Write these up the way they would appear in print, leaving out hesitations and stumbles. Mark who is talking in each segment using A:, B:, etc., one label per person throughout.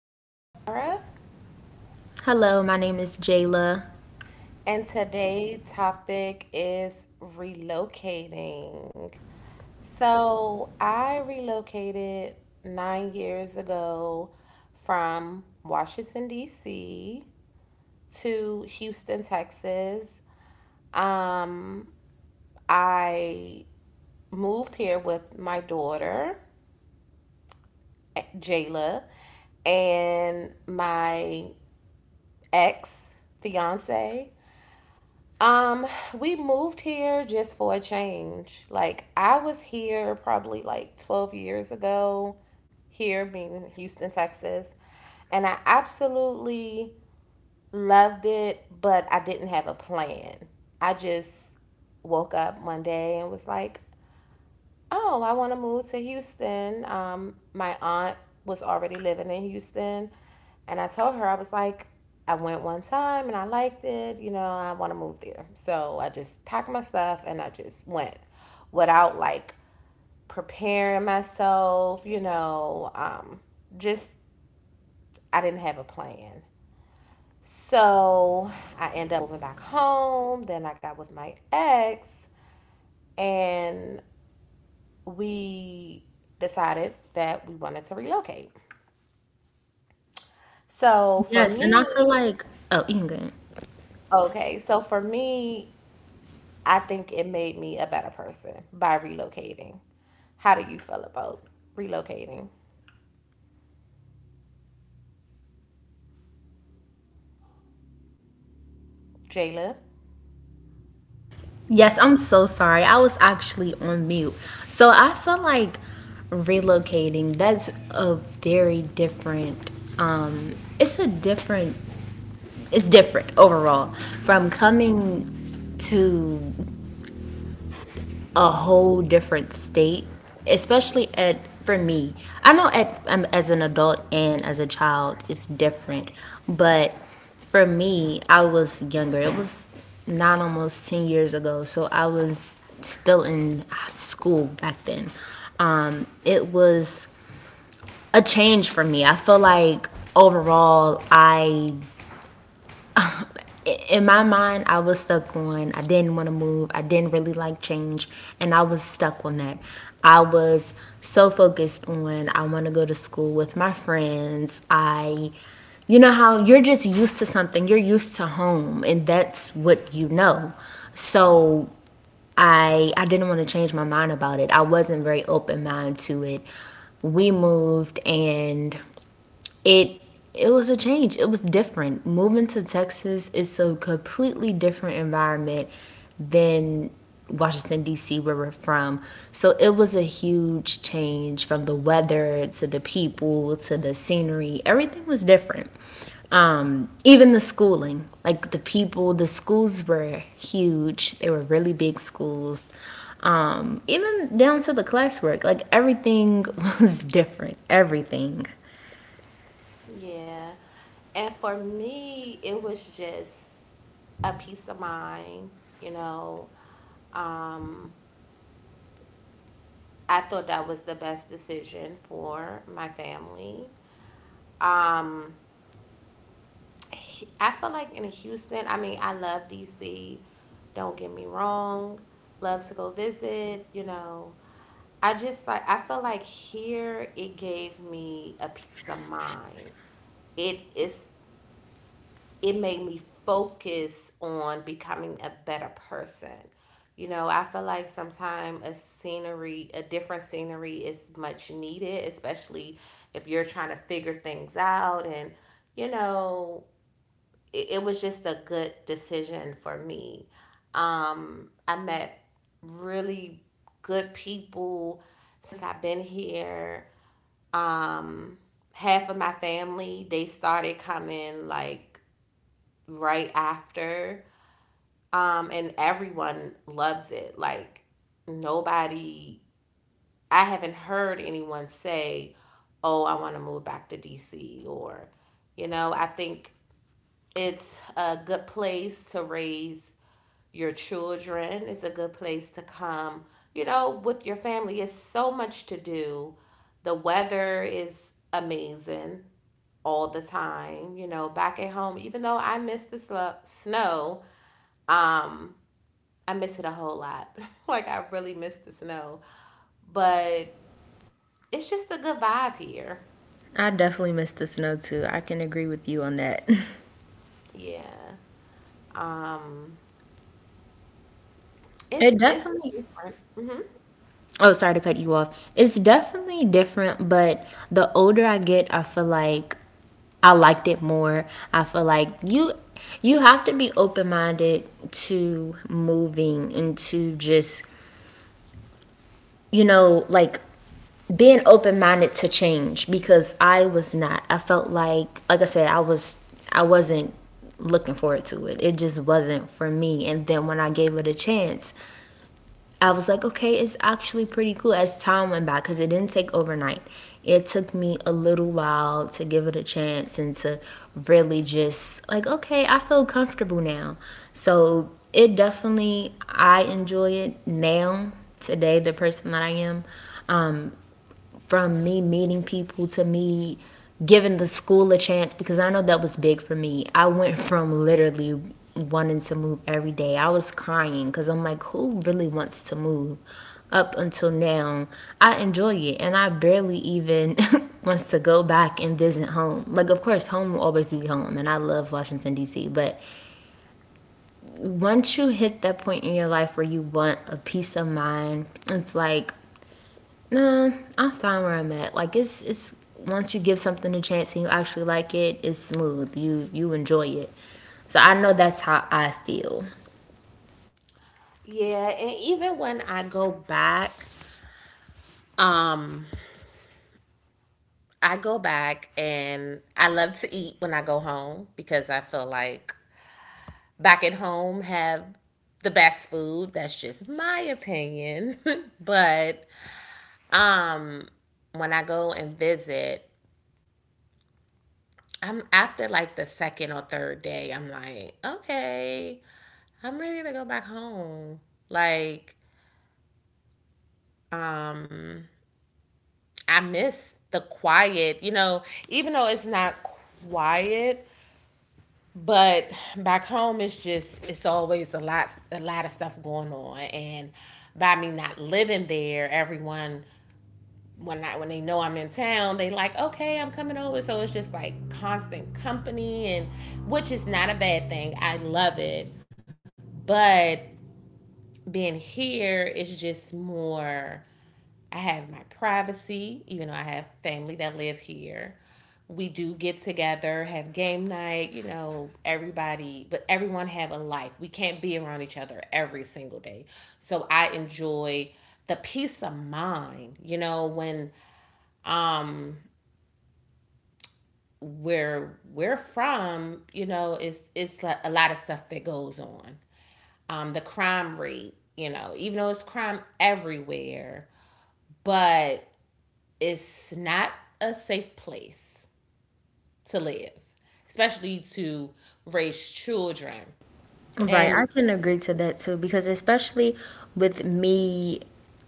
A: is Kiara,
B: Hello, my name is Jayla.
A: and today's topic is relocating. So, I relocated 9 years ago from Washington, D.C. to Houston, Texas. Um, I moved here with my daughter, Jayla, and my ex fiance. Um, we moved here just for a change. Like I was here probably like 12 years ago, here being Houston, Texas, and I absolutely loved it, but I didn't have a plan. I just woke up one day and was like, oh, I want to move to Houston. My aunt was already living in Houston, and I told her I was like, I went one time and I liked it. You know, I want to move there. So I just packed my stuff and I just went without like preparing myself. Just I didn't have a plan. So I ended up moving back home. Then I got with my ex, and we decided that we wanted to relocate. So for
B: Yes, and I feel
A: me,
B: like, oh, you can go ahead.
A: okay, so for me, I think it made me a better person by relocating. How do you feel about relocating, Jayla?
B: Yes, I'm so sorry. I was actually on mute. So I feel like relocating, that's a very different, um, it's a different, it's different overall from coming to a whole different state, especially at for me. I know at as an adult and as a child it's different, but for me, I was younger. It was not almost 10 years ago, so I was still in school back then. It was a change for me. I feel like overall I in my mind, I was stuck on I didn't want to move. I didn't really like change. And I was stuck on that. I was so focused on I want to go to school with my friends. I, you know, how you're just used to something, you're used to home, and that's what you know. So I didn't want to change my mind about it. I wasn't very open minded to it. We moved and it it was a change. It was different. Moving to Texas is a completely different environment than Washington D.C. where we're from. So it was a huge change from the weather to the people to the scenery. Everything was different. Even the schooling, like the people, the schools were huge. They were really big schools. Even down to the classwork, like everything was different. Everything.
A: Yeah. And for me, it was just a peace of mind, you know. Um, I thought that was the best decision for my family. Um, I feel like in Houston, I mean, I love DC. Don't get me wrong. Love to go visit, you know. I just like I feel like here it gave me a peace of mind. It is it made me focus on becoming a better person. You know, I feel like sometimes a scenery, a different scenery is much needed, especially if you're trying to figure things out and you know, it was just a good decision for me. I met really good people since I've been here. Um, Half of my family they started coming like right after. And everyone loves it. Like nobody, I haven't heard anyone say, "Oh, I want to move back to DC," or you know, I think it's a good place to raise your children. It's a good place to come, you know, with your family. It's so much to do. The weather is amazing all the time, you know, back at home. Even though I miss the snow, um, I miss it a whole lot. Like, I really miss the snow. But it's just a good vibe here.
B: I definitely miss the snow too. I can agree with you on that.
A: Yeah. Um, it's,
B: It
A: it's
B: definitely,
A: different. Hmm.
B: oh, sorry to cut you off. It's definitely different, but the older I get, I feel like I liked it more. I feel like you have to be open-minded to moving and to just, you know, like being open-minded to change because I was not. I felt like I said I was I wasn't looking forward to it. It just wasn't for me. And then when I gave it a chance, I was like, okay, it's actually pretty cool as time went by because it didn't take overnight. It took me a little while to give it a chance and to really just, like, okay, I feel comfortable now. So it definitely, I enjoy it now, today, the person that I am from me meeting people to me giving the school a chance because I know that was big for me. I went from literally wanting to move every day. I was crying because I'm like, who really wants to move? Up until now, I enjoy it and I barely even wants to go back and visit home. Like, of course, home will always be home and I love Washington, D.C. But once you hit that point in your life where you want a peace of mind, it's like, nah, I'm fine where I'm at. Like it's once you give something a chance and you actually like it, it's smooth. You enjoy it. So I know that's how I feel.
A: Yeah, and even when um, I go back and I love to eat when I go home because I feel like back at home have the best food. That's just my opinion. But um when I go and visit, I'm after like the second or third day, I'm like, okay, I'm ready to go back home. Like, um, I miss the quiet, you know, even though it's not quiet, but back home it's always a lot of stuff going on and by me not living there, everyone when I when they know I'm in town, they like, okay, I'm coming over. So it's just like constant company and which is not a bad thing. I love it. But being here is just more I have my privacy, even though I have family that live here. We do get together, have game night, you know, everybody, but everyone have a life. We can't be around each other every single day. So I enjoy the peace of mind, you know, when um where we're from, you know, it's like a lot of stuff that goes on. The crime rate, you know, even though it's crime everywhere, but it's not a safe place to live, especially to raise children.
B: Right,
A: And
B: I can agree to that too because especially with me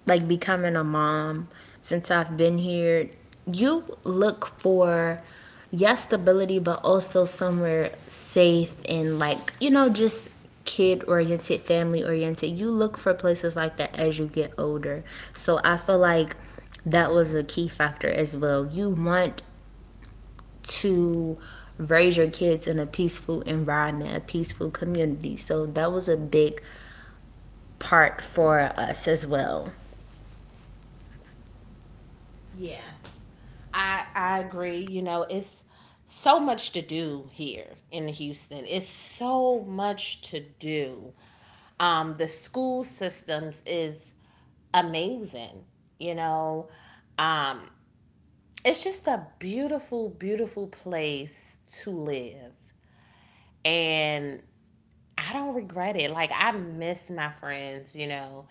B: like becoming a mom since I've been here, you look for yes, stability but also somewhere safe and like, you know, just kid oriented, family oriented. You look for places like that as you get older. So I feel like that was a key factor as well. You want to raise your kids in a peaceful environment, a peaceful community. So that was a big part for us as well.
A: yeah. I agree. You know, it's so much to do here in Houston. It's so much to do. The school systems is amazing. You know, um, it's just a beautiful, beautiful place to live, and I don't regret it. Like I miss my friends, you know.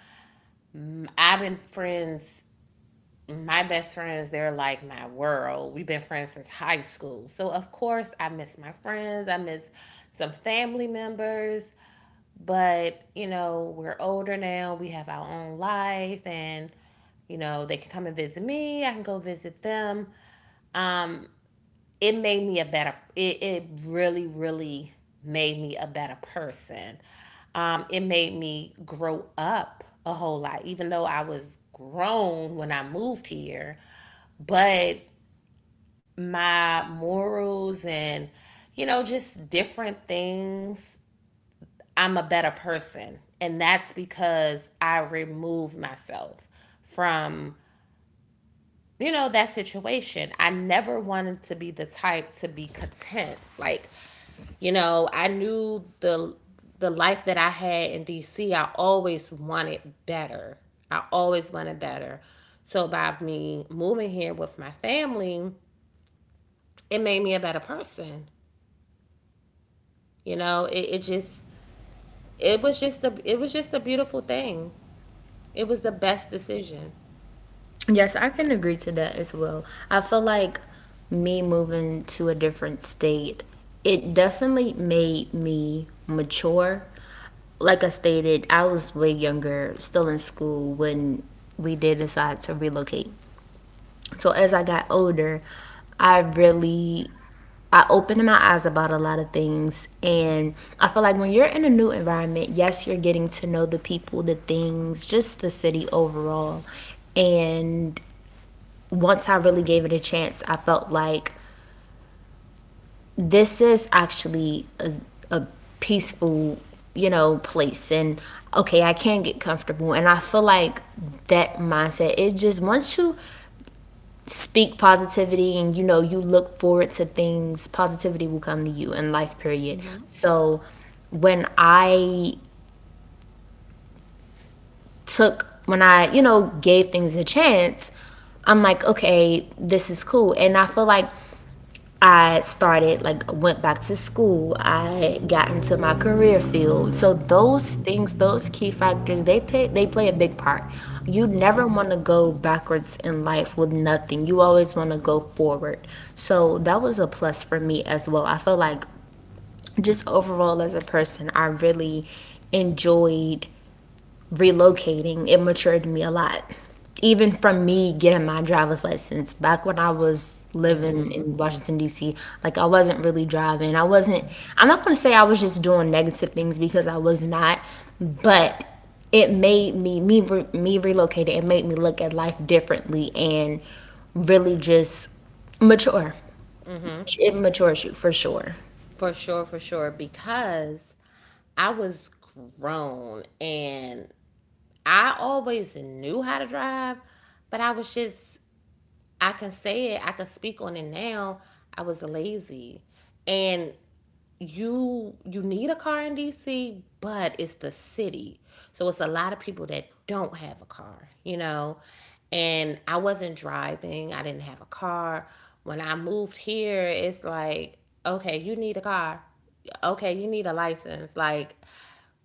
A: I've been friends My best friends, they're like my world. We've been friends since high school. So of course I miss my friends. I miss some family members. But, you know, we're older now. We have our own life and you know, they can come and visit me. I can go visit them. Um, it really really made me a better person. It made me grow up a whole lot even though I was grown when I moved here, but my morals and you know just different things, I'm a better person and that's because I removed myself from you know, that situation. I never wanted to be the type to be content. Like, you know, I knew the life that I had in DC, I always wanted better. I always wanted better. So by me moving here with my family, it made me a better person. You know, it was just a it was just a beautiful thing. It was the best decision
B: Yes, I can agree to that as well. I feel like me moving to a different state, it definitely made me mature. Like I stated, I was way younger, still in school when we did decide to relocate. So as I got older, I really I opened my eyes about a lot of things and I feel like when you're in a new environment, yes, you're getting to know the people, the things, just the city overall. And once I really gave it a chance, I felt like this is actually a peaceful, you know, place and okay, I can get comfortable. And I feel like that mindset, it just once you speak positivity and you know you look forward to things positivity will come to you in life period. So when I took when I you know gave things a chance, I'm like okay this is cool and I feel like I started, like, went back to school. I got into my career field. So those things, those key factors, they play a big part. You never want to go backwards in life with nothing. You always want to go forward. So that was a plus for me as well. I feel like just overall as a person, I really enjoyed relocating, it matured me a lot. Even from me getting my driver's license back when I was living in Washington D.C., like I wasn't really driving. I wasn't. I'm not going to say I was just doing negative things because I was not, but it made me me relocated. It made me look at life differently and really just mature. It matures you for sure.
A: for sure, because I was grown and I always knew how to drive, but I was just, I can say it, I can speak on it now. I was lazy. And you need a car in DC, but it's the city. So it's a lot of people that don't have a car, you know. And I wasn't driving, I didn't have a car. When I moved here, it's like, okay, you need a car. Okay, you need a license. Like,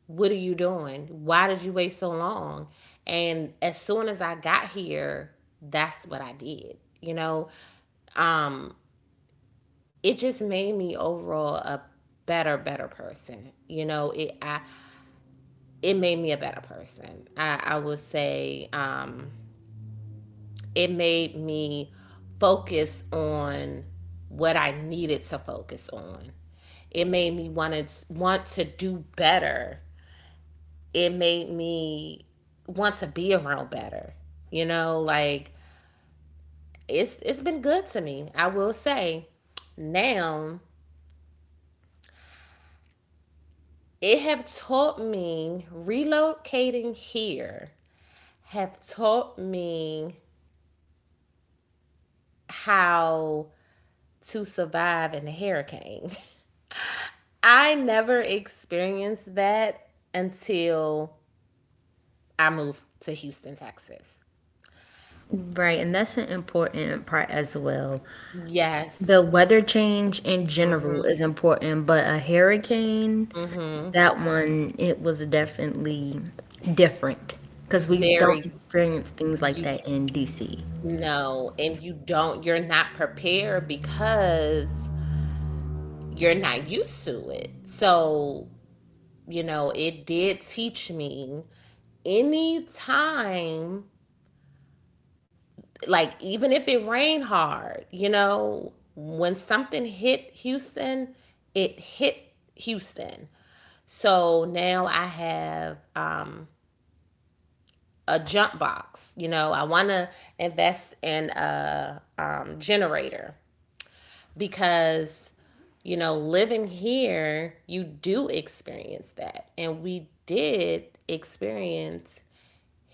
A: what are you doing? Why did you wait so long? And as soon as I got here, that's what I did. Um it just made me overall a better better person it made me a better person. I would say it made me focus on what I needed to focus on. It made me want to do better. It made me want to be around better, you know. Like it's been good to me, I will say. Now it have taught me, relocating here have taught me how to survive in a hurricane. I never experienced that until I moved to Houston, Texas.
B: Right, and that's an important part as well. The
A: Yes.
B: weather change in
A: Mm-hmm.
B: general is important, but a hurricane,
A: Mm-hmm.
B: that one, it was definitely different because we don't
A: Very
B: experience things like
A: you
B: that in DC.
A: know, and you're not prepared because you're not used to it. So you know, it did teach me anytime, like even if it rained hard, you know, when something hit Houston, it hit Houston. So now I have a jump box. You know, I want to invest in a generator because, you know, living here, you do experience that. And we did experience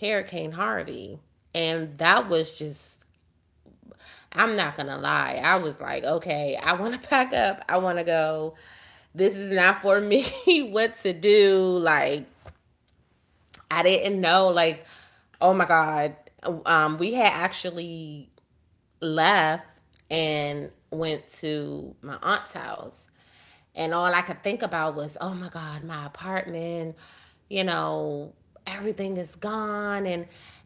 A: Hurricane Harvey. And that was just, I'm not going to lie. I was like, okay, I want to pack up. I want to go. This is not for me. What to do? Like, I didn't know. Like, oh my God. We had actually left and went to my aunt's house. And all I could think about was, oh my God, my apartment, you know, everything is gone. And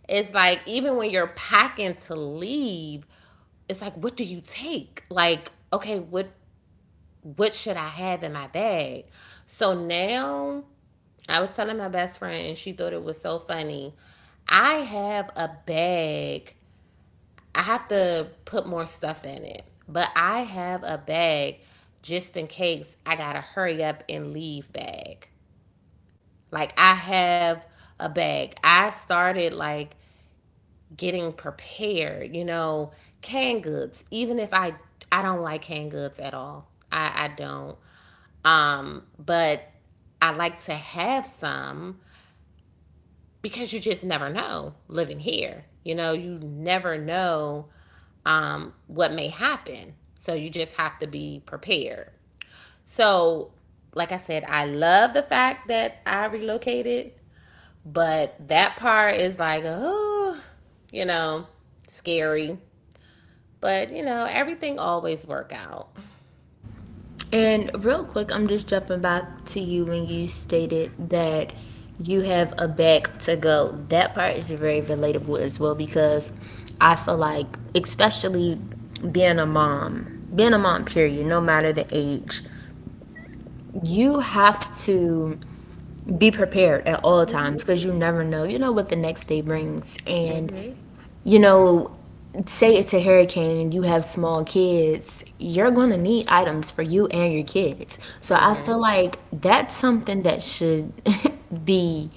A: it's like, even when you're packing to leave, it's like, what do you take? Like, okay, what should I have in my bag? So now I was telling my best friend and she thought it was so funny. I have a bag I have to put more stuff in it. But I have a bag, just in case I gotta hurry up and leave bag. Like I have a bag. I started like getting prepared, you know, canned goods, even if I I don't like canned goods at all. I don't. But I like to have some because you just never know living here. You know, you never know what may happen. So you just have to be prepared. So, like I said, I love the fact that I relocated, but that part is like, oh, you know, scary. But you know, everything always work out.
B: And real quick, I'm just jumping back to you when you stated that you have a bag to go. That part is very relatable as well because I feel like, especially being a mom, period, no matter the age, you have to be prepared at all
A: Mhm.
B: times because you never know you know what the next day brings and
A: Mhm.
B: you know say it's a hurricane you have small kids you're going to need items for you and your kids so I feel
A: Mhm.
B: like that's something that should be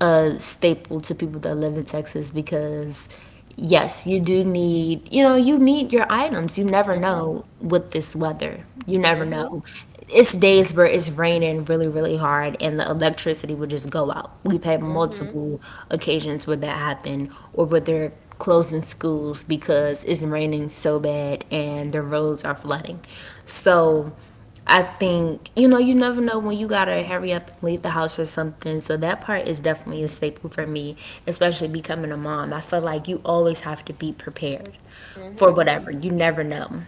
B: a staple to people that live in Texas because yes, you do need, you know, you need your items. You never
A: Mhm.
B: know with this weather. You never
A: Mhm.
B: know. It's days where it's raining really, really hard and the electricity would just go out. We've had
A: Mhm.
B: multiple occasions where that happened or where they're closing schools because it's raining so bad and the roads are flooding. So I think you know you never know when you gotta hurry up and leave the house or something. So that part is definitely a staple for me, especially becoming a mom. I feel like you always have to be prepared for
A: Mhm.
B: whatever. You never know.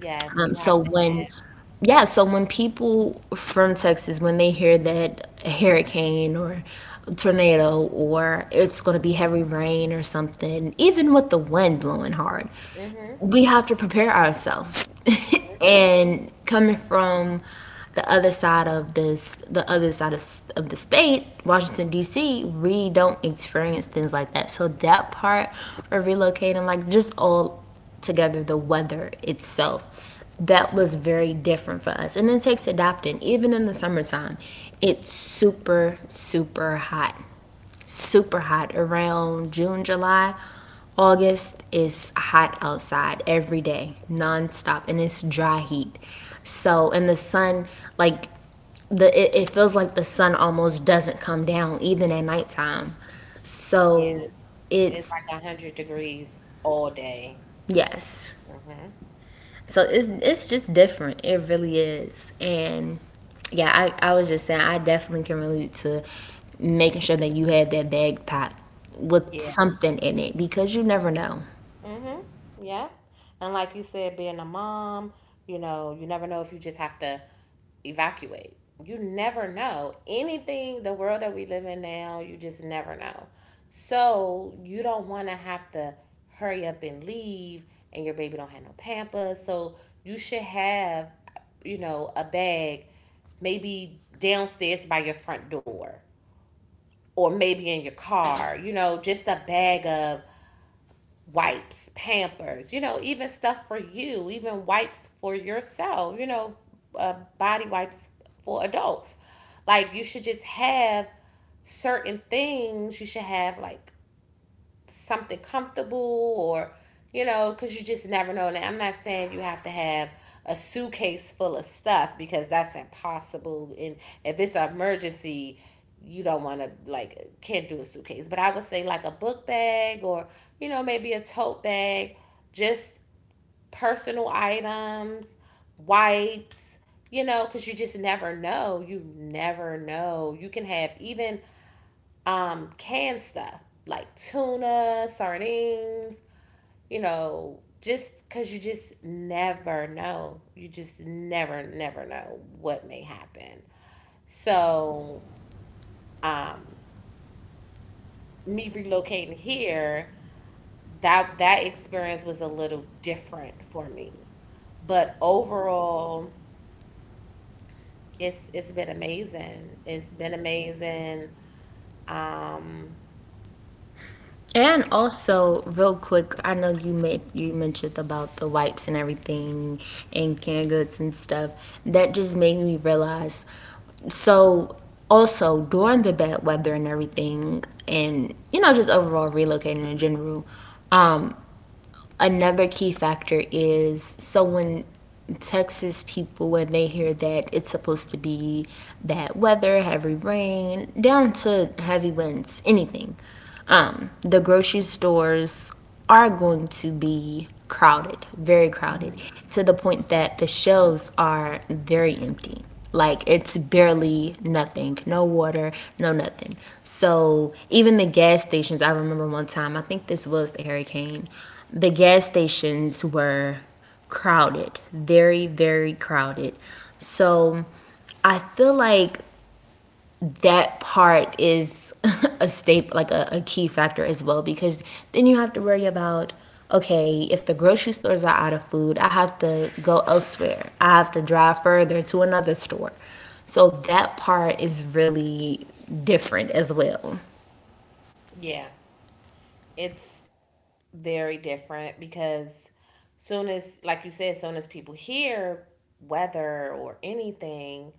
A: Yes,
B: Um,
A: you have
B: so
A: to.
B: when, yeah, so when people from Texas, when they hear that a hurricane or tornado or it's going to be heavy rain or something, even with the wind blowing hard,
A: Mhm.
B: we have to prepare ourselves.
A: Mhm.
B: And coming from the other side of this, the other side of the state, Washington D.C., we don't experience things like that. So that part of relocating, like just all together, the weather itself that was very different for us. And it takes adapting, even in the summertime. It's super, super hot. Super hot around June, July. August is hot outside every day, nonstop, and it's dry heat. So, and the sun, like, it feels like the sun almost doesn't come down even at nighttime.
A: Yeah,
B: So,
A: it's
B: it's
A: like 100 degrees all day.
B: yes,
A: Mhm.
B: so it's just different. It really is. And yeah, I was just saying I definitely can relate to making sure that you had that bag packed with
A: Yeah.
B: something in it because you never know.
A: Mm-hmm. Yeah. And like you said, being a mom, you know, you never know if you just have to evacuate. You never know. Anything, the world that we live in now, you just never know. So you don't want to have to hurry up and leave and your baby don't have no pampers. So you should have, you know, a bag maybe downstairs by your front door or maybe in your car, you know, just a bag of wipes, pampers, you know, even stuff for you, even wipes for yourself, you know, body wipes for adults. Like you should just have certain things. You should have like something comfortable or because you just never know. Now I'm not saying you have to have a suitcase full of stuff because that's impossible, and if it's an emergency you don't want to can't do a suitcase, but I would say like a book bag or maybe a tote bag, just personal items, wipes, because you just never know. You never know. You can have even canned stuff like tuna, sardines, just because you just never know. You just never, never know what may happen. So, um, me relocating here, that experience was a little different for me. But overall, it's been amazing. It's been amazing. Um,
B: And also, real quick, I know you mentioned about the wipes and everything and canned goods and stuff. That just made me realize. So also during the bad weather and everything, and you know, just overall relocating in general, um, another key factor is so when Texas people, when they hear that it's supposed to be bad weather, heavy rain, down to heavy winds, anything, the grocery stores are going to be crowded, very crowded,
A: Mhm.
B: to the point that the shelves are very empty. Like it's barely nothing, no water, no nothing. So even the gas stations, I remember one time, I think this was the hurricane, the gas stations were crowded, very, very crowded. So I feel like that part is a staple, like a key factor as well, because then you have to worry about okay, if the grocery stores are out of food, I have to go elsewhere. I have to drive further to another store. So that part is really different as well.
A: Yeah, it's very different because soon as, like you said, soon as people hear weather or anything,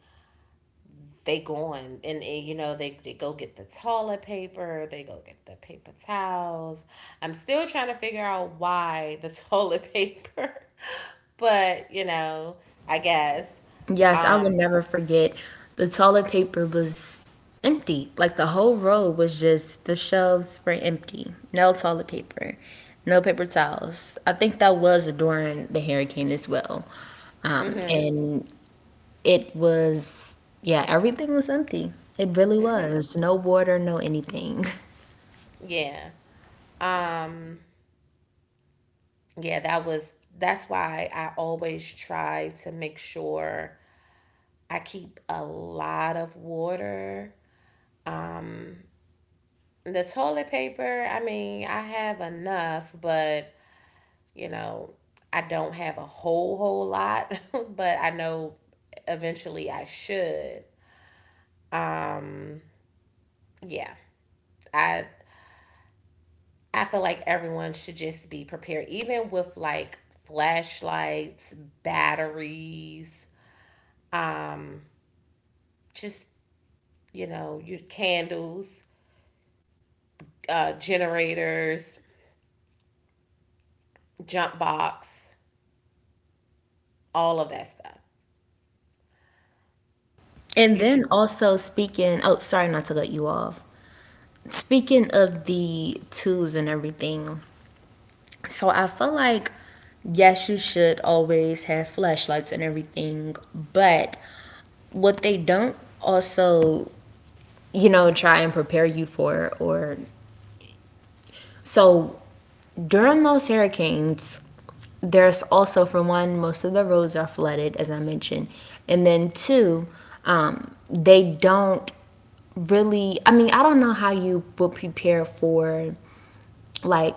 A: they going, and they go get the toilet paper, they go get the paper towels. I'm still trying to figure out why the toilet paper, but you know, I guess.
B: Yes, I would
A: um
B: never forget. The toilet paper was empty. Like the whole row was just the shelves were empty. No toilet paper, no paper towels. I think that was during the hurricane as well. And it was, yeah, everything was empty. It really was. No water, no anything.
A: yeah. um yeah, that's why I always try to make sure I keep a lot of water. The toilet paper, I mean, I have enough, but you know, I don't have a whole lot, but I know eventually I should. Yeah. I I feel like everyone should just be prepared, even with like flashlights, batteries, just, you know, your candles, generators, jump box, all of that stuff.
B: And
A: You should
B: then
A: just,
B: also speaking, oh, sorry not to let you off. Speaking of the tools and everything, so I feel like yes, you should always have flashlights and everything, but what they don't also, try and prepare you for or so During those hurricanes, there's also for one, most of the roads are flooded as I mentioned. And then two, they don't really. I don't know how you would prepare for like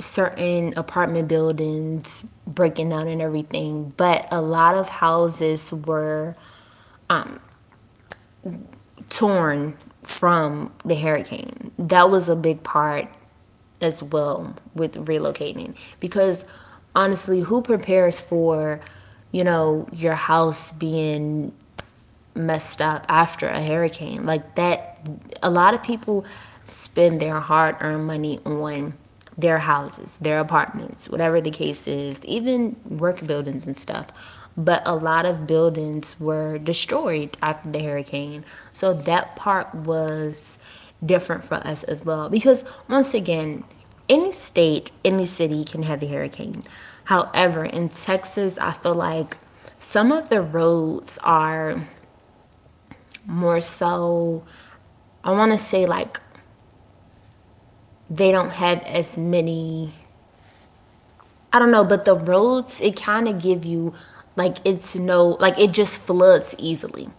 B: certain apartment buildings breaking down and everything, but a lot of houses were torn from the hurricane. That was a big part as well with relocating because honestly, who prepares for your house being messed up after a hurricane. Like that, a lot of people spend their hard earned money on their houses, their apartments, whatever the case is, even work buildings and stuff. But a lot of buildings were destroyed after the hurricane. So that part was different for us as well. Because once again, any state, any city can have a hurricane. However, in Texas, I feel like some of the roads are more so, I want to say like they don't have as many, I don't know, but the roads, it kind of give you like it's no, like it just floods easily.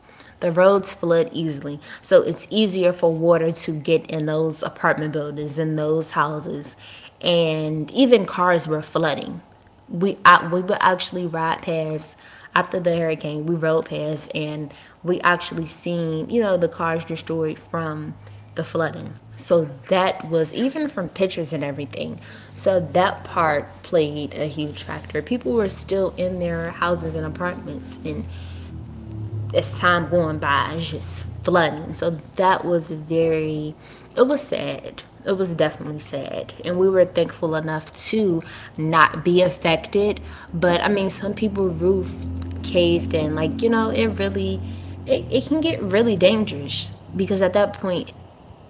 B: The roads flood easily, so it's easier for water to get in those apartment buildings and those houses, and even cars were flooding. We would actually ride past after the hurricane. We rode past and we actually seen the cars destroyed from the flooding. So that was even from pictures and everything. So that part played a huge factor. People were still in their houses and apartments, and as time going by, it's just flooding. So that was very, it was sad. It was definitely sad. And we were thankful enough to not be affected. But I mean, some people roof caved in. Like, you know, it really, it can get really dangerous because at that point,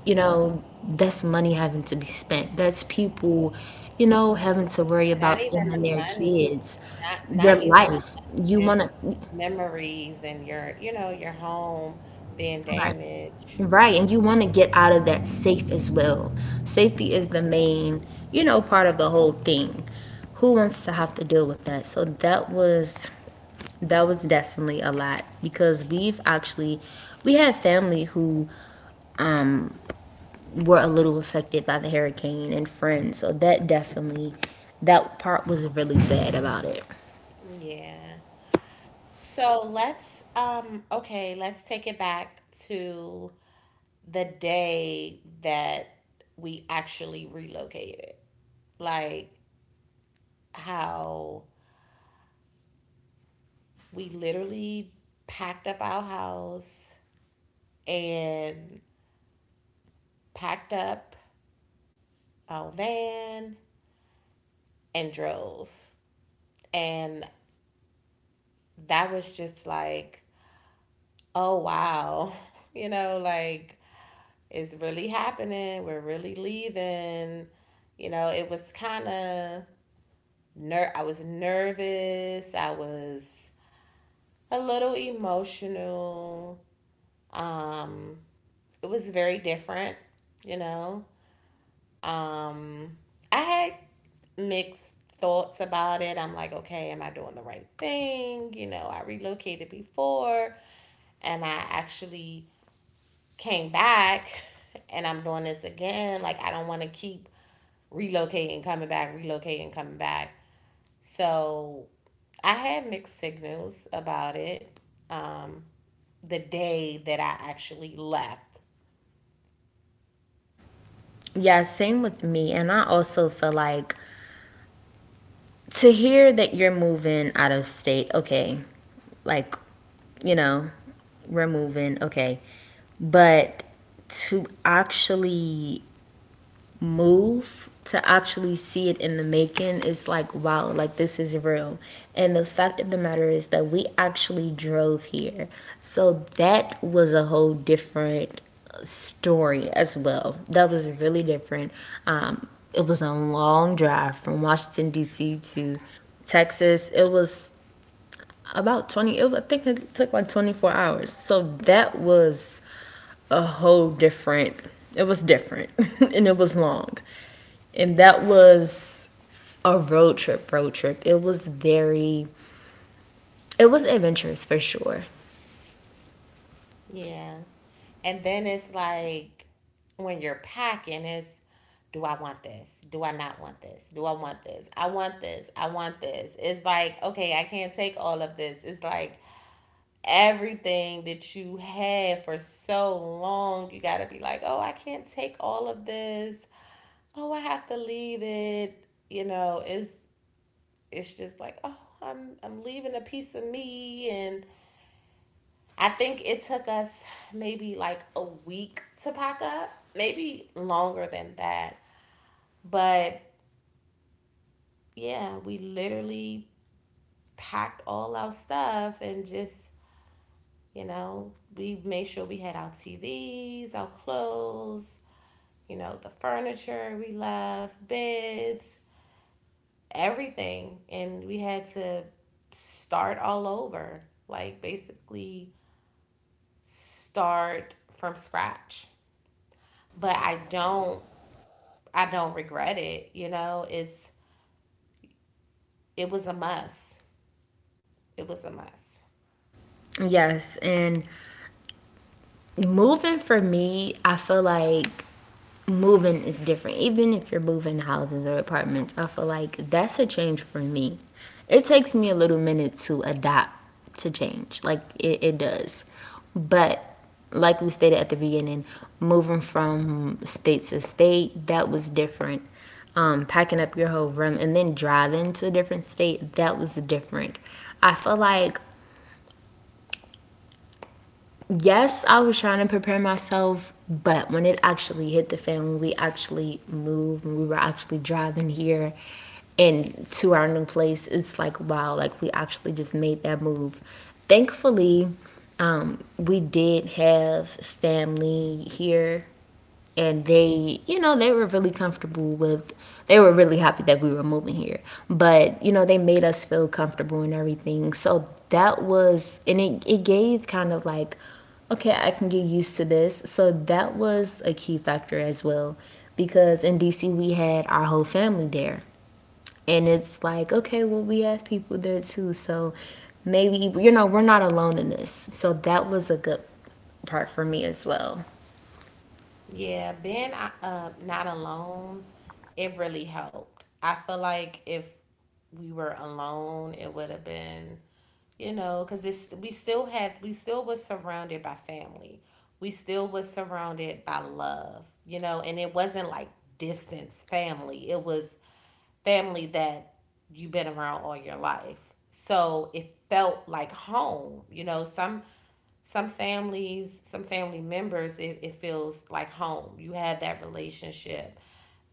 B: you know, that's money having to be spent. That's people, you know, having to worry
A: not
B: about
A: even
B: them
A: the
B: and their
A: money,
B: kids,
A: not
B: their
A: not even the,
B: life. You want
A: just
B: to.
A: memories and your, you know, your home being
B: Right.
A: damaged.
B: Right, and you want to get out of that safe as well. Safety is the main, you know, part of the whole thing. Who wants to have to deal with that? So that was definitely a lot because we had family who um were a little affected by the hurricane and friends. So that definitely that part was really sad about it.
A: Yeah. So let's okay, let's take it back to the day that we actually relocated. Like how we literally packed up our house and packed up our van and drove. And that was just like, oh wow, you know, like it's really happening, we're really leaving. You know, it was kind of I was nervous, I was a little emotional. um it was very different, you know. um I had mixed thoughts about it. I'm like, okay, am I doing the right thing? You know, I relocated before and I actually came back, and I'm doing this again. Like I don't want to keep relocating, coming back, relocating, coming back. So I had mixed signals about it. Um, the day that I actually left.
B: Yeah, same with me. And I also feel like to hear that you're moving out of state, okay, like, you know, we're moving, okay. But to actually move to actually see it in the making is like wow, like this is real. And the fact of the matter is that we actually drove here, so that was a whole different story as well. That was really different. um, it was a long drive from Washington D.C. to Texas. It was about I think it took like 24 hours. So that was a whole different. It was different and it was long. And that was a road trip, road trip. It was very, it was adventurous for sure.
A: Yeah. And then it's like when you're packing, it's do I want this? Do I not want this? Do I want this? I want this. I want this. It's like, okay, I can't take all of this. It's like everything that you had for so long. You got to be like, oh, I can't take all of this. Oh, I have to leave it. You know, it's just like, oh, I'm leaving a piece of me. And I think it took us maybe like a week to pack up, maybe longer than that. But yeah, we literally packed all our stuff and just, you know, we made sure we had our T V's, our clothes, you know, the furniture we left, beds, everything. And we had to start all over, like basically start from scratch. But I don't regret it, you know. It's it was a must. It was a must.
B: Yes, and moving for me, I feel like moving is different. Even if you're moving houses or apartments, I feel like that's a change for me. It takes me a little minute to adapt to change, like it does. But like we stated at the beginning, moving from state to state, that was different. Packing up your whole room and then driving to a different state, that was different. I feel like yes, I was trying to prepare myself, but when it actually hit the fan, when we actually moved, when we were actually driving here and to our new place, it's like, wow, like we actually just made that move. Thankfully, we did have family here, and they you know they were really comfortable with they were really happy that we were moving here. But you know they made us feel comfortable and everything, so that was. And it gave kind of like okay, I can get used to this. So that was a key factor as well, because in DC we had our whole family there, and it's like okay well we have people there too, so maybe you know we're not alone in this. So that was a good part for me as well.
A: Yeah, being not alone, it really helped. I feel like if we were alone, it would have been, you know, because this, we still had, we still was surrounded by family. We still was surrounded by love, you know. And it wasn't like distance family. It was family that you've been around all your life. So it felt like home. You know, some families, some family members, it feels like home. You have that relationship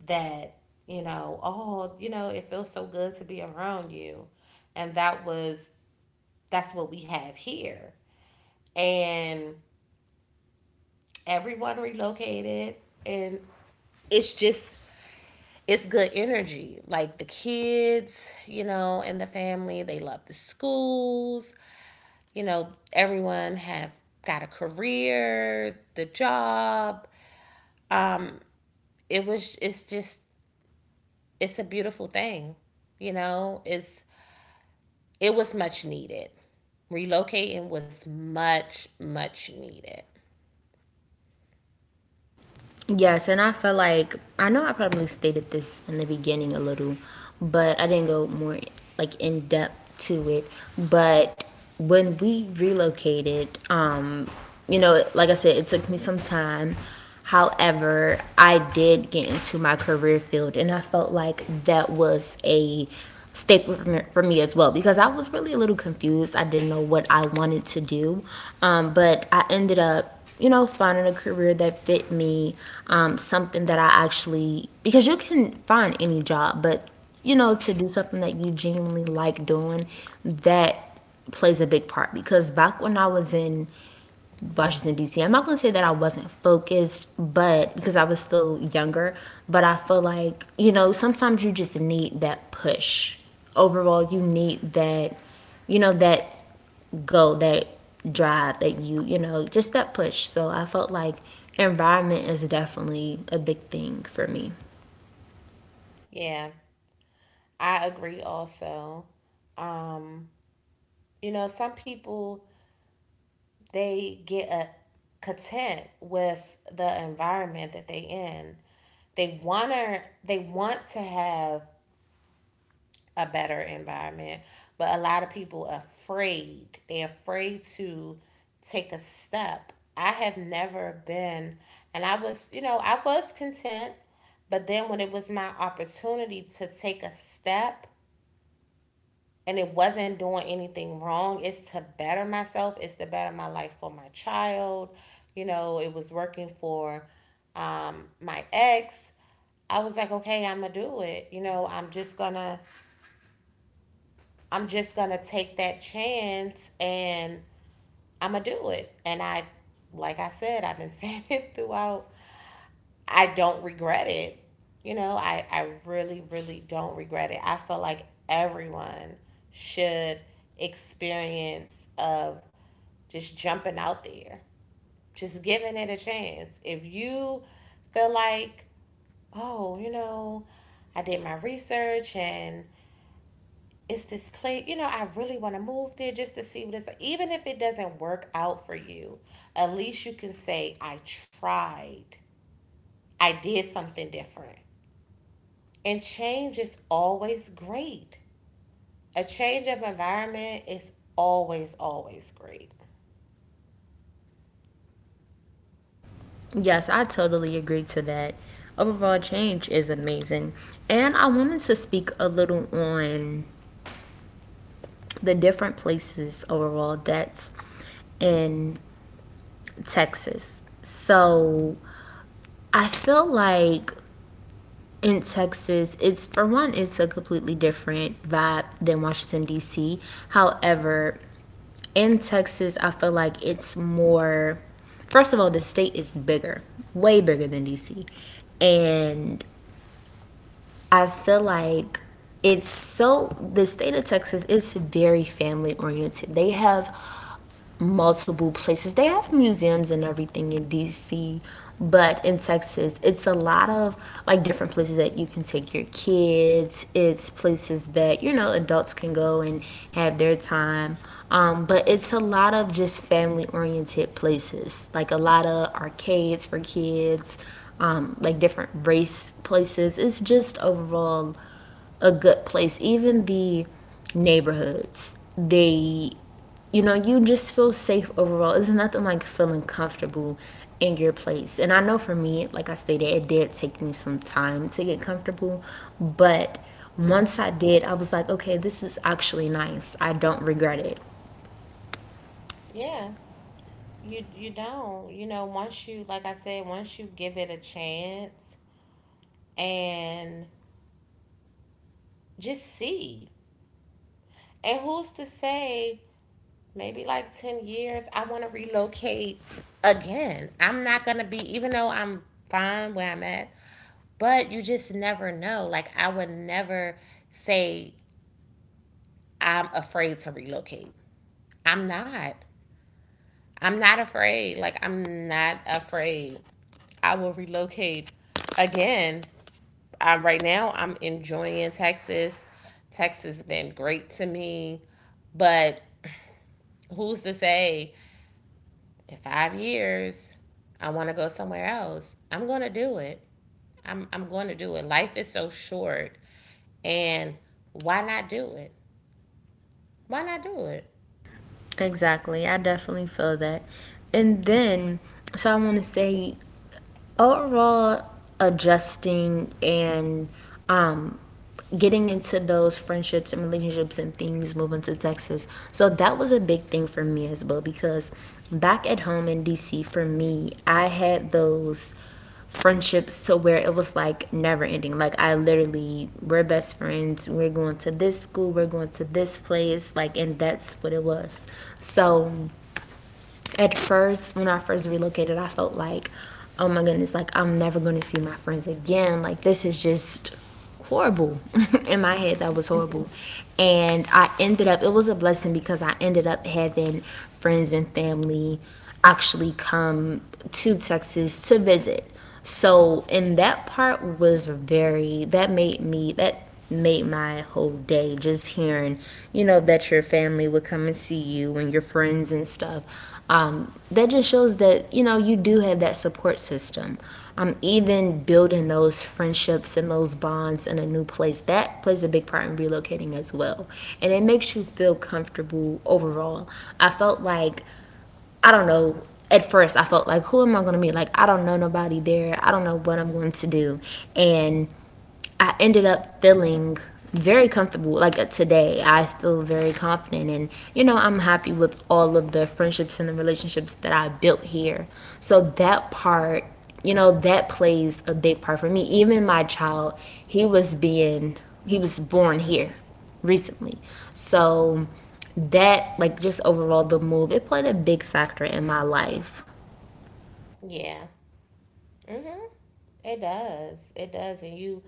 A: that, you know, oh, you know, it feels so good to be around you. And that was that's what we have here. And everyone relocated, and it's just it's good energy. Like the kids, you know, and the family, they love the schools. You know, everyone have got a career, the job. It was it's just it's a beautiful thing. You know, it's it was much needed. Relocating was much much needed.
B: Yes, and I felt like I know I probably stated this in the beginning a little, but I didn't go more like in depth to it. But when we relocated, you know, like I said, it took me some time. However, I did get into my career field, and I felt like that was a staple for me, as well because I was really a little confused. I didn't know what I wanted to do, but I ended up, you know, finding a career that fit me, something that I actually. Because you can find any job, but you know, to do something that you genuinely like doing, that plays a big part because back when I was in Washington D.C. I'm not gonna say that I wasn't focused, but because I was still younger, but I feel like you know sometimes you just need that push. Overall, you need that, you know, that go, that drive, that you know, just that push. So I felt like environment is definitely a big thing for me.
A: Yeah. I agree also. Um, you know, some people they get a content with the environment that they in. They want to have a better environment, but a lot of people are afraid. They're afraid to take a step. I have never been, and I was, you know, I was content, but then when it was my opportunity to take a step, and it wasn't doing anything wrong. It's to better myself, it's to better my life for my child. You know, it was working for my ex. I was like, okay, I'm gonna do it. You know, I'm just gonna take that chance and I'm gonna do it. And like I said, I've been saying it throughout, I don't regret it. You know, I really, really don't regret it. I feel like everyone should experience of just jumping out there, just giving it a chance. If you feel like, oh, you know, I did my research, and it's this place, you know, I really want to move there just to see what it's like. Even if it doesn't work out for you, at least you can say, I tried. I did something different. And change is always great. A change of environment is always, always great.
B: Yes, I totally agree to that. Overall change is amazing, and I wanted to speak a little on the different places overall that's in Texas. So I feel like in Texas, it's for one, it's a completely different vibe than Washington, D.C. However, in Texas, I feel like it's more, first of all, the state is bigger, way bigger than D.C. And I feel like it's so, the state of Texas is very family oriented. They have multiple places. They have museums and everything in DC, but in Texas, it's a lot of like different places that you can take your kids. It's places that, you know, adults can go and have their time. But it's a lot of just family oriented places, like a lot of arcades for kids, like different race places. It's just overall a good place. Even the neighborhoods, they you know, you just feel safe overall. It's nothing like feeling comfortable in your place. And I know for me, like I stated, it did take me some time to get comfortable, but once I did, I was like, okay, this is actually nice. I don't regret it.
A: Yeah. You don't. You know, once you, like I said, once you give it a chance and just see. And who's to say, maybe like 10 years I want to relocate again. I'm not going to be, even though I'm fine where I'm at, but you just never know. Like I would never say I'm afraid to relocate. I'm not. I'm not afraid. Like I'm not afraid. I will relocate again. Right now, I'm enjoying Texas. Texas has been great to me, but who's to say in 5 years I want to go somewhere else? I'm gonna do it. I'm going to do it. Life is so short, and why not do it? Why not do it?
B: Exactly. I definitely feel that. And then, so I want to say, overall adjusting and um getting into those friendships and relationships and things moving to Texas. So that was a big thing for me as well because back at home in DC for me, I had those friendships to where it was like never ending. Like I literally we're best friends. We're going to this school, we're going to this place, like and that's what it was. So at first, when I first relocated, I felt like, oh my goodness, like I'm never going to see my friends again. Like this is just horrible. In my head, that was horrible. And I ended up, it was a blessing because I ended up having friends and family actually come to Texas to visit. So, and that part was very, that made me, that made my whole day just hearing you know that your family would come and see you and your friends and stuff. Um, that just shows that you know you do have that support system even building those friendships and those bonds in a new place, that plays a big part in relocating as well, and it makes you feel comfortable overall. I felt like I don't know, at first I felt like, who am I going to meet? Like, I don't know nobody there. I don't know what I'm going to do. And I ended up feeling very comfortable. Like today, I feel very confident, and you know, I'm happy with all of the friendships and the relationships that I built here. So that part, you know, that plays a big part for me. Even my child, he was being, he was born here recently. So that, like, just overall, the move, it played a big factor in my life.
A: Yeah. Mhm. It does. It does. And you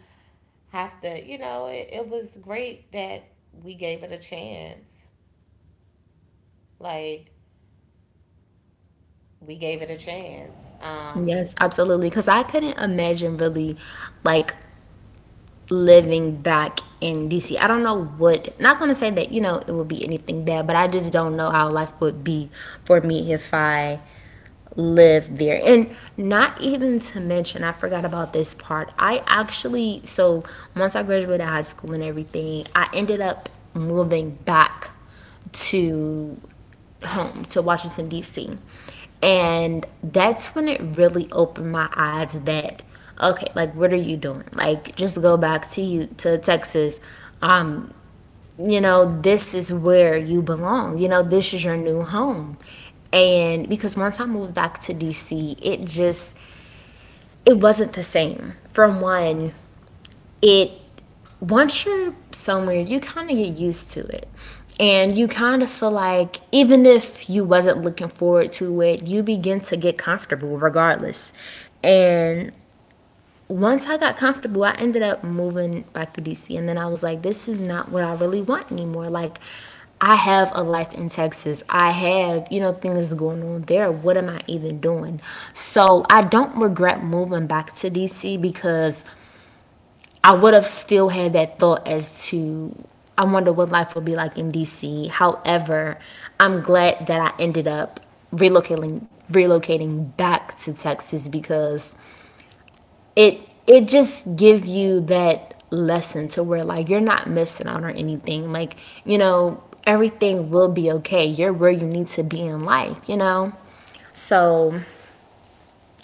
A: have to, you know, it was great that we gave it a chance. Like we gave it a chance.
B: Yes, absolutely. Because I couldn't imagine really, like, living back in DC. I don't know what, not going to say that, you know, it would be anything bad, but I just don't know how life would be for me if I lived there. And not even to mention, I forgot about this part. I actually, so once I graduated high school and everything, I ended up moving back to home to Washington DC. And that's when it really opened my eyes that, okay, like, what are you doing? Like, just go back to you to Texas. Um, you know, this is where you belong. You know, this is your new home. And because once I moved back to DC, it just it wasn't the same. From one, it once you're somewhere, you kind of get used to it. And you kind of feel like even if you wasn't looking forward to it, you begin to get comfortable regardless. And once I got comfortable, I ended up moving back to DC. And then I was like, this is not what I really want anymore. Like, I have a life in Texas. I have, you know, things going on there. What am I even doing? So I don't regret moving back to DC because I would have still had that thought as to I wonder what life would be like in DC. However, I'm glad that I ended up relocating back to Texas because it it just gives you that lesson to where, like, you're not missing out on anything. Everything will be okay. You're where you need to be in life, you know? So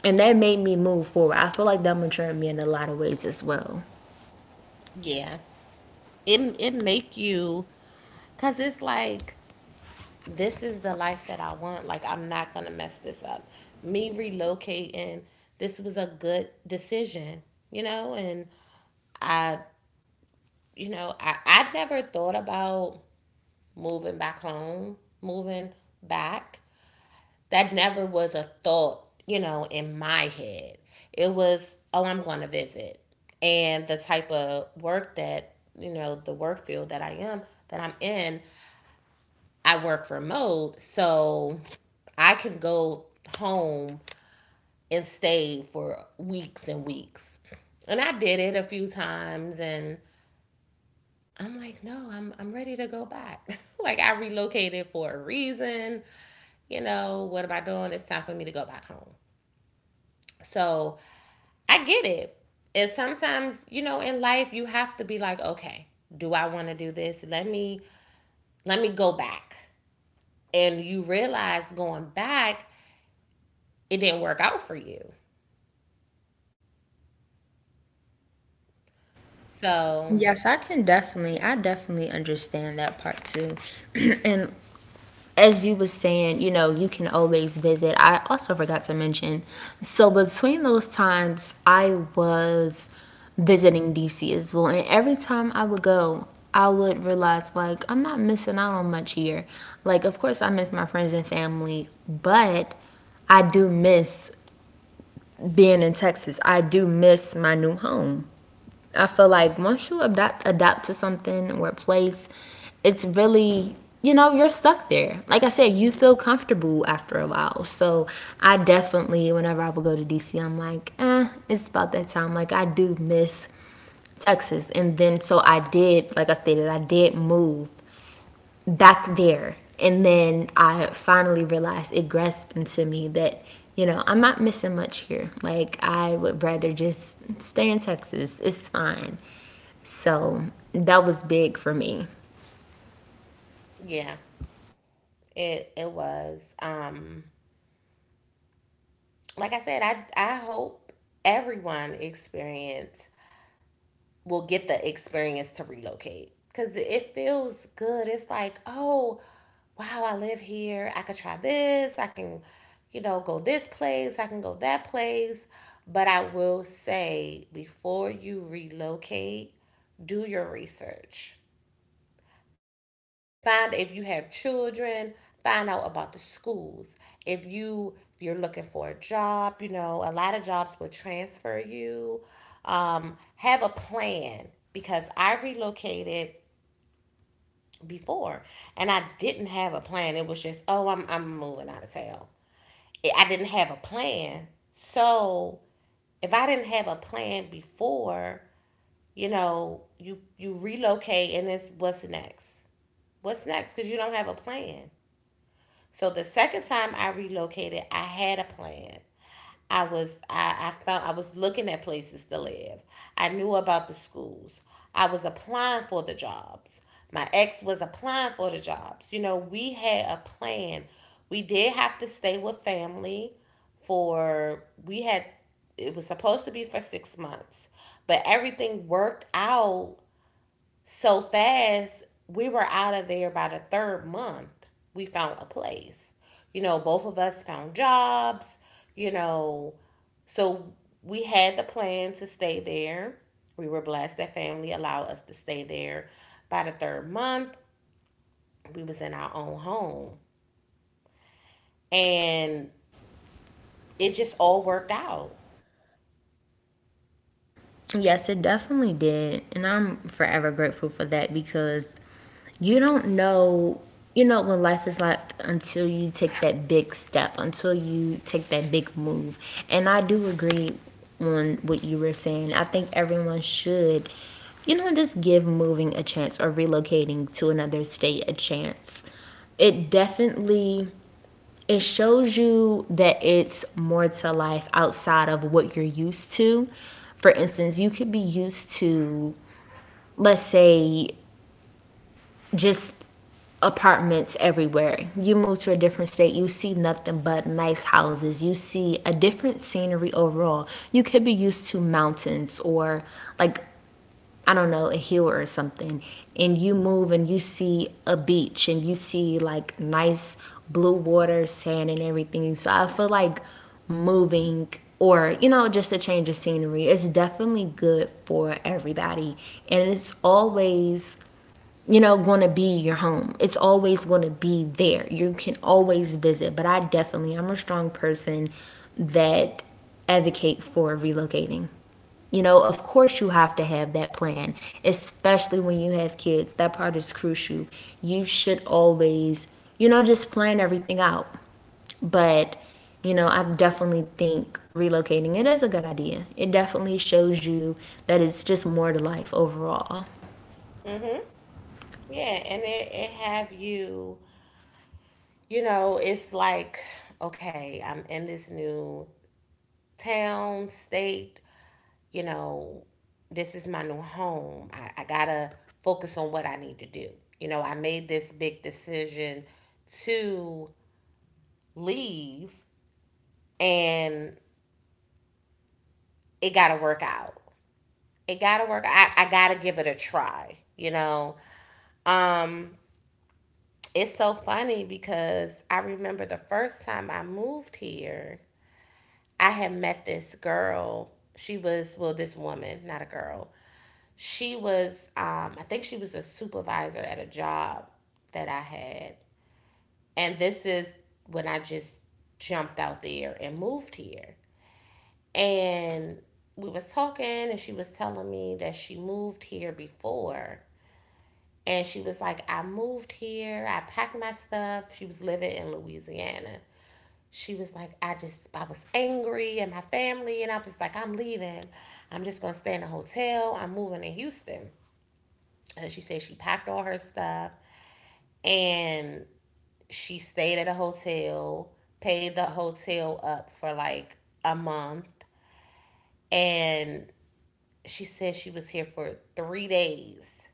B: and that made me move forward. I feel like that matured me in a lot of ways as well.
A: Yeah. It it make you cuz it's like this is the life that I want. Like I'm not going to mess this up. Me relocating, this was a good decision, you know. And I you know, I never thought about moving back home, moving back. That never was a thought, you know, in my head. It was, oh, I'm going to visit. And the type of work that, you know, the work field that that I'm in, I work remote. So I can go home and stay for weeks and weeks. And I did it a few times, and I'm like, no, I'm ready to go back. Like I relocated for a reason. You know, what am I doing? It's time for me to go back home. So I get it. And sometimes, you know, in life you have to be like, okay, do I want to do this? Let me go back. And you realize going back, it didn't work out for you. So
B: Yes, I can definitely, I definitely understand that part too. And as you was saying, you know, you can always visit. I also forgot to mention. So between those times, I was visiting DC as well. And every time I would go, I would realize, like, I'm not missing out on much here. Like, of course I miss my friends and family, but I do miss being in Texas. I do miss my new home. I feel like once you adapt to something or a place, it's really, you know, you're stuck there. Like I said, you feel comfortable after a while. So I definitely, whenever I would go to DC, I'm like, eh, it's about that time. Like, I do miss Texas, and then so I did. Like I stated, I did move back there. And then I finally realized it grasped into me that, you know, I'm not missing much here. Like, I would rather just stay in Texas. It's fine. So that was big for me.
A: yeah, it was. Like I said, I hope everyone experience will get the experience to relocate because it feels good. It's like, oh, wow, I live here. I could try this. I can, you know, go this place. I can go that place. But I will say before you relocate, do your research. Find, if you have children, find out about the schools. If you if you're looking for a job, you know, a lot of jobs will transfer you. Have a plan because I relocated before and I didn't have a plan. It was just, oh, I'm moving out of town. I didn't have a plan. So, if I didn't have a plan before, you know, you relocate and it's what's next? What's next, cuz you don't have a plan. So the second time I relocated, I had a plan. I found, I was looking at places to live. I knew about the schools. I was applying for the jobs. My ex was applying for the jobs. You know, we had a plan. We did have to stay with family for, we had, it was supposed to be for 6 months, but everything worked out so fast, we were out of there by the third month. We found a place. You know, both of us found jobs, you know. So we had the plan to stay there. We were blessed that family allowed us to stay there. By the third month, we was in our own home. And it just all worked out.
B: Yes, it definitely did. And I'm forever grateful for that because you don't know, you know, what life is like until you take that big step, until you take that big move. And I do agree on what you were saying. I think everyone should, you know, just give moving a chance or relocating to another state a chance. It definitely, it shows you that it's more to life outside of what you're used to. For instance, you could be used to, let's say, just apartments everywhere. You move to a different state, you see nothing but nice houses. You see a different scenery overall. You could be used to mountains or, like, I don't know, a hill or something, and you move and you see a beach and you see like nice blue water, sand and everything. So I feel like moving, or, you know, just a change of scenery is definitely good for everybody. And it's always, you know, going to be your home. It's always going to be there. You can always visit, but I definitely, I'm a strong person that advocate for relocating. You know, of course you have to have that plan, especially when you have kids. That part is crucial. You should always, you know, just plan everything out. But, you know, I definitely think relocating, it is a good idea. It definitely shows you that it's just more to life overall.
A: Yeah, and it have you, you know, it's like, okay, I'm in this new town, state, you know, this is my new home. I gotta focus on what I need to do. You know, I made this big decision to leave and it gotta work out. It gotta work. I gotta give it a try, you know. Um, it's so funny because I remember the first time I moved here, I had met this girl. She was, well, this woman, not a girl. She was, I think she was a supervisor at a job that I had. And this is when I just jumped out there and moved here. And we was talking and she was telling me that she moved here before. And she was like, "I moved here, I packed my stuff." She was living in Louisiana. She was like, "I just, I was angry and my family, and I was like, I'm leaving. I'm just going to stay in a hotel. I'm moving to Houston." And she said she packed all her stuff and she stayed at a hotel, paid the hotel up for like a month. And she said she was here for 3 days.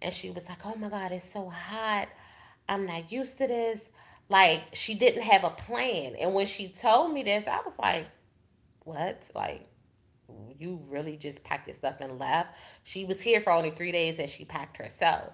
A: And she was like, "Oh my God, it's so hot. I'm not used to this." Like, she didn't have a plan. And when she told me this, I was like, "What? Like, you really just packed your stuff and left." She was here for only 3 days and she packed herself.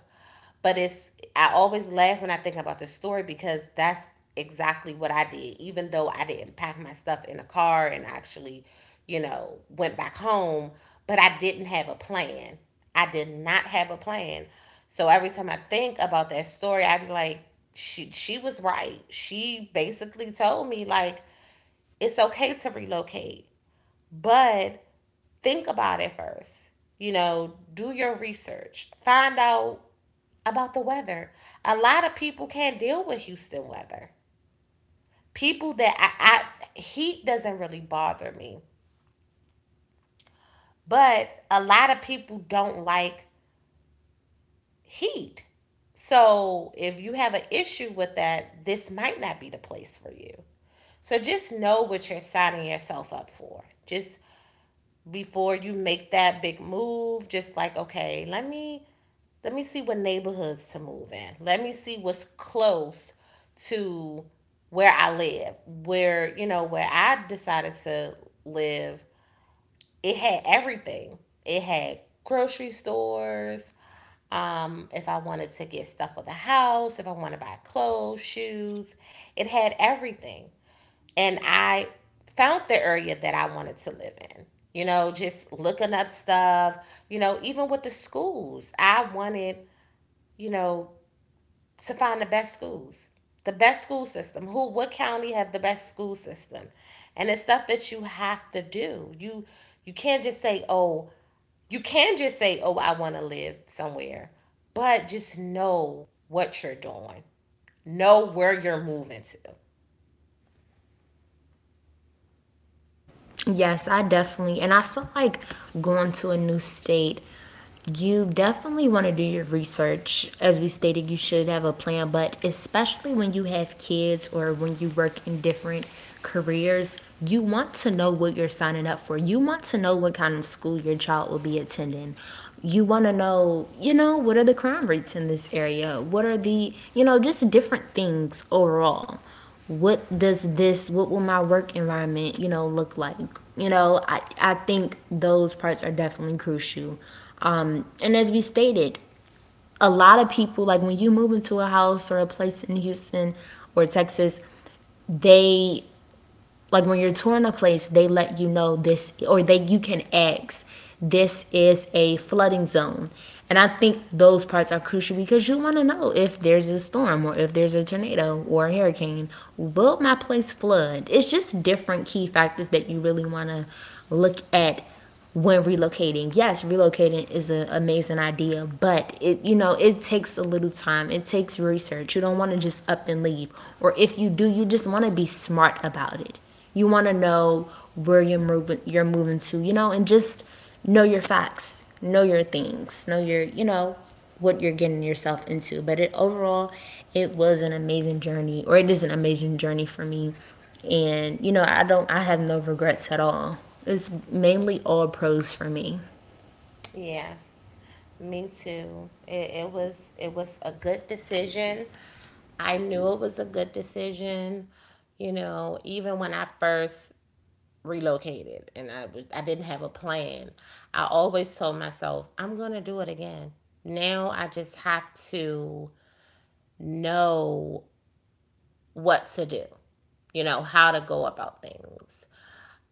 A: But it's I always laugh when I think about this story because that's exactly what I did. Even though I didn't pack my stuff in a car and actually, you know, went back home, but I didn't have a plan. I did not have a plan. So every time I think about that story, I'm like, she was right. She basically told me like it's okay to relocate, but think about it first. You know, do your research. Find out about the weather. A lot of people can't deal with Houston weather. People that I heat doesn't really bother me, but a lot of people don't like heat. So if you have an issue with that, this might not be the place for you. So just know what you're signing yourself up for. Just before you make that big move, just like, okay, let me see what neighborhoods to move in. Let me see what's close to where I live. Where, you know, where I decided to live, it had everything. It had grocery stores, if I wanted to get stuff for the house, if I want to buy clothes, shoes, it had everything and I found the area that I wanted to live in. You know, just looking up stuff, you know, even with the schools. I wanted, you know, to find the best schools. The best school system. Who what county have the best school system? And it's stuff that you have to do. You can't just say, "Oh, you can just say, Oh, I want to live somewhere." But just know what you're doing. Know where you're moving to.
B: Yes, I definitely. And I feel like going to a new state, you definitely want to do your research. As we stated, you should have a plan, but especially when you have kids or when you work in different careers, you want to know what you're signing up for. You want to know what kind of school your child will be attending. You want to know, you know, what are the crime rates in this area? What are the, you know, just different things overall. What does this, what will my work environment, you know, look like? You know, I think those parts are definitely crucial. And as we stated, a lot of people, like, when you move into a house or a place in Houston or Texas, they, like, when you're touring a place they let you know this, or they, you can ask, this is a flooding zone. And I think those parts are crucial because you want to know if there's a storm or if there's a tornado or a hurricane, will my place flood? It's just different key factors that you really want to look at when relocating. Yes, relocating is an amazing idea, but it, you know, it takes a little time. It takes research. You don't want to just up and leave, or if you do, you just want to be smart about it. You want to know where you're moving. You're moving to, you know, and just know your facts, know your things, know your, you know, what you're getting yourself into. But it overall, it was an amazing journey, or it is an amazing journey for me. And you know, I don't, I have no regrets at all. It's mainly all pros for me.
A: Yeah, me too. It was it was a good decision. I knew it was a good decision. You know, even when I first relocated and I was I didn't have a plan. I always told myself, I'm going to do it again. Now I just have to know what to do. You know, how to go about things.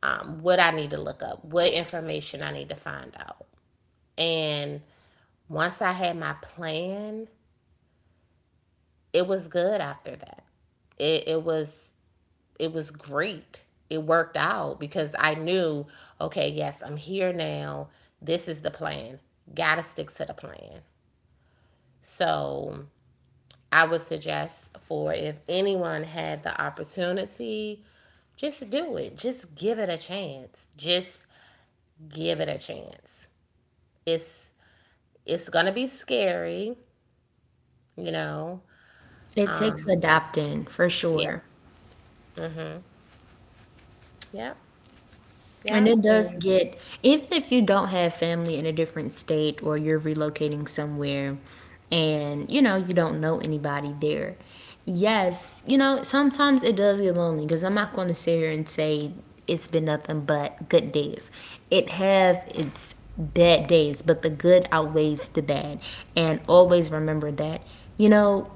A: What I need to look up, what information I need to find out. And once I had my plan, it was good after that. It it was great. It worked out because I knew, okay, yes, I'm here now. This is the plan. Gotta stick to the plan. So I would suggest for if anyone had the opportunity, just do it. Just give it a chance. Just give it a chance. It's it's gonna be scary, you know.
B: It takes
A: Um,
B: adapting for
A: Yeah.
B: sure.
A: Yep.
B: And
A: Yep.
B: it does
A: And
B: get, even if you don't have family in a different state or you're relocating somewhere and, you know, you don't know anybody there. Yes, you know, sometimes it does get lonely because I'm not going to sit here and say it's been nothing but good days. It have its bad days, but the good outweighs the bad. And always remember that, you know,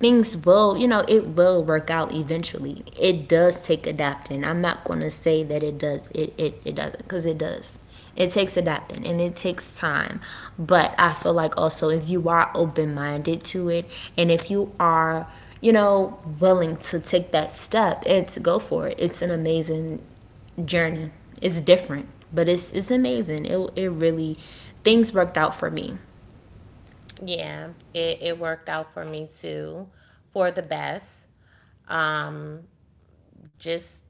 B: things will, you know, it will work out eventually. It does take adapting. I'm not going to say that it does. It it doesn't, because it does. It takes adapting and it takes time. But I feel like also if you are open-minded to it and if you are, you know, willing to take that step and to go for it, it's an amazing journey. It's different, but it's amazing. It really, things worked out for me.
A: yeah, it worked out for me too, for the best. Um, just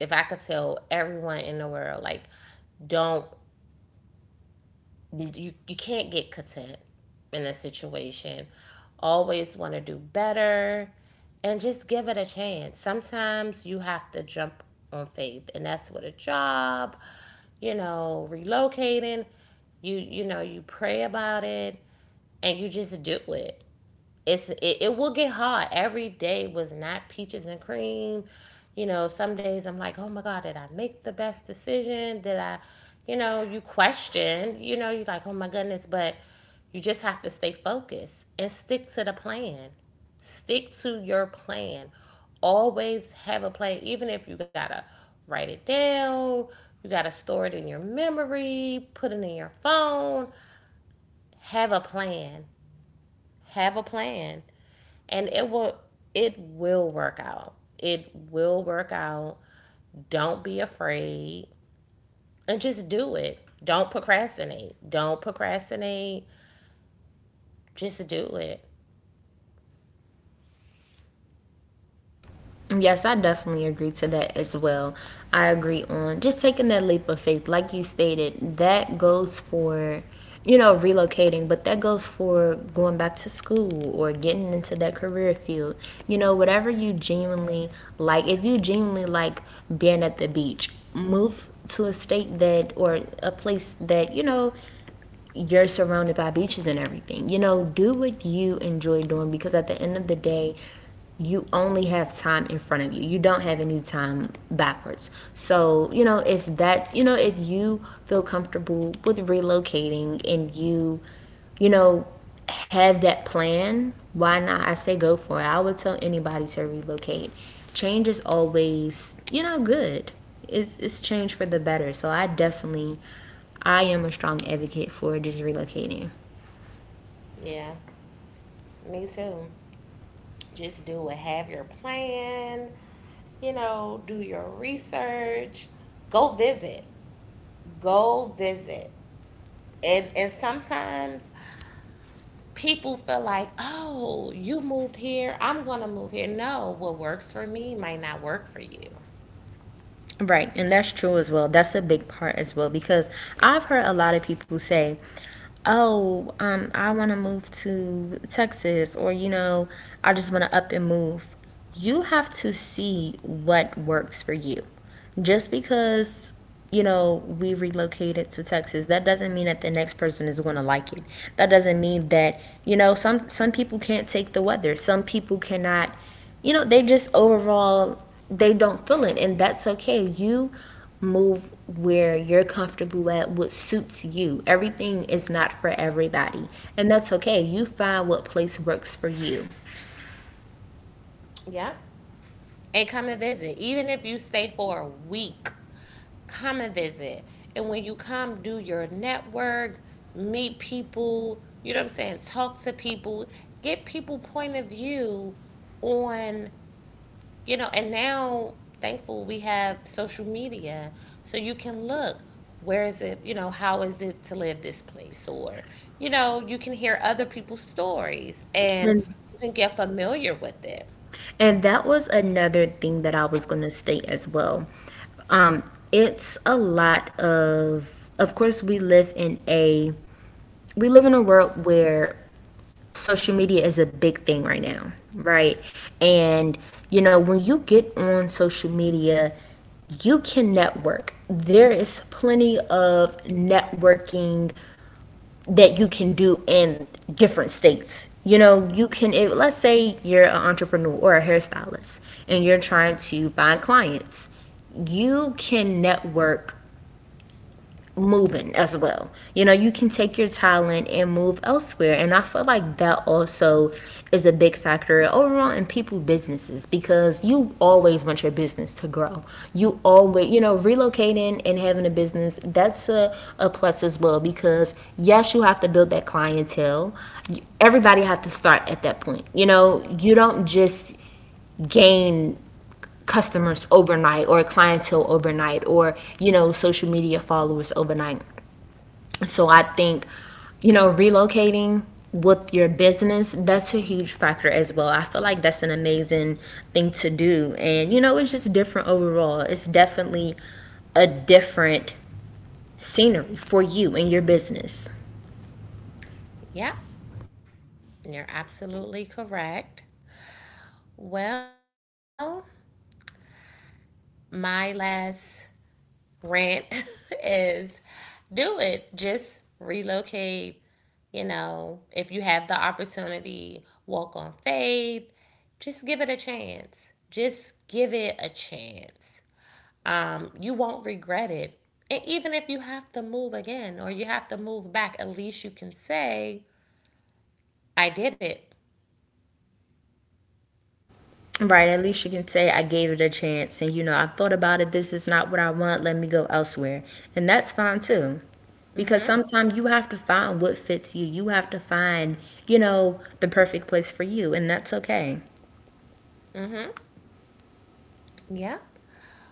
A: if I could tell everyone in the world, like, don't you you can't get content in a situation. Always want to do better and just give it a chance. Sometimes you have to jump on faith, and that's with a job, you know, relocating. You know, you pray about it and you just do it. It's it will get hard. Every day was not peaches and cream. You know, some days I'm like, oh my God, did I make the best decision? Did I, you know, you question, you know, you're like, oh my goodness, but you just have to stay focused and stick to the plan. Stick to your plan. Always have a plan, even if you gotta write it down, you gotta store it in your memory, put it in your phone. Have a plan. Have a plan and it will work out. It will work out. Don't be afraid and just do it. Don't procrastinate. Don't procrastinate. Just do it.
B: Yes, I definitely agree to that as well. I agree on just taking that leap of faith. Like you stated, that goes for, you know, relocating, but that goes for going back to school or getting into that career field. You know, whatever you genuinely like, if you genuinely like being at the beach, move to a state that, or a place that, you know, you're surrounded by beaches and everything. You know, do what you enjoy doing because at the end of the day, you only have time in front of you. You don't have any time backwards. So, you know, if that's, you know, if you feel comfortable with relocating and you know, have that plan, why not? I say go for it. I would tell anybody to relocate. Change is always, you know, good. It's change for the better. So I definitely, I am a strong advocate for just relocating.
A: Yeah. Me too. Just do it. Have your plan. You know, do your research. Go visit. Go visit. And sometimes people feel like, oh, you moved here, I'm gonna move here. No, what works for me might not work for you.
B: Right, and that's true as well. That's a big part as well because I've heard a lot of people say, oh, I want to move to Texas, or, you know, I just want to up and move. You have to see what works for you just because, you know, we relocated to Texas, that doesn't mean that the next person is going to like it. That doesn't mean that, you know, some people can't take the weather, some people cannot, you know, they just overall, they don't feel it, and that's okay. You move where you're comfortable at, what suits you. Everything is not for everybody, and that's okay. You find what place works for you.
A: Yep. And come and visit. Even if you stay for a week, come and visit. And when you come, do your network, meet people, you know what I'm saying? Talk to people, get people point of view on. You know, and now, thankful, we have social media, so you can look. Where is it? You know, how is it to live this place? Or, you know, you can hear other people's stories and
B: And
A: you can get familiar with it.
B: And that was another thing that I was going to state as well. Um, it's a lot of course, we live in a, we live in a world where social media is a big thing right now, right? And you know, when you get on social media, you can network. There is plenty of networking that you can do in different states. You know, you can, if, let's say you're an entrepreneur or a hairstylist and you're trying to find clients, you can network moving as well. You know, you can take your talent and move elsewhere. And I feel like that also is a big factor overall in people's businesses because you always want your business to grow. You always, you know, relocating and having a business, that's a plus as well because yes, you have to build that clientele. Everybody have to start at that point. You know, you don't just gain customers overnight or clientele overnight or, you know, social media followers overnight. So I think, you know, relocating with your business, that's a huge factor as well. I feel like that's an amazing thing to do. And, you know, it's just different overall. It's definitely a different scenery for you and your business.
A: Yep, you're absolutely correct. Well, my last rant is do it. Just relocate. You know, if you have the opportunity, walk on faith. Just give it a chance. Just give it a chance. You won't regret it. And even if you have to move again or you have to move back, at least you can say, I did it.
B: Right, at least you can say I gave it a chance and, you know, I thought about it, this is not what I want, let me go elsewhere. And that's fine too. Because sometimes you have to find what fits you. You have to find, you know, the perfect place for you, and that's okay.
A: Yep.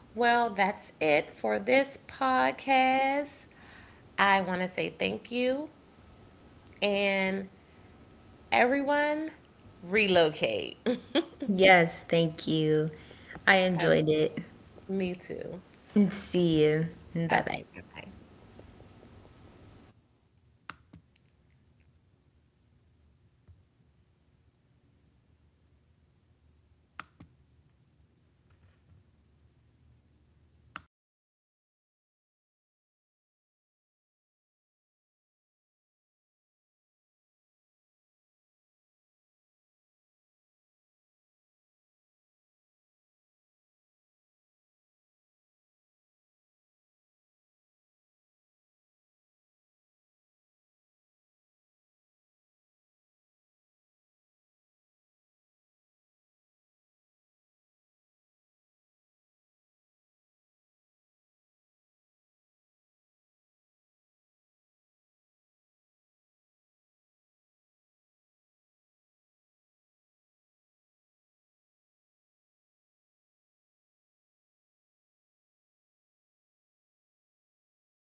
A: Well, that's it for this podcast. I want to say thank you and everyone relocate.
B: Yes, thank you. I
A: Okay,
B: enjoyed it.
A: me too.
B: See you. Bye
A: Okay,
B: bye.
A: bye-bye.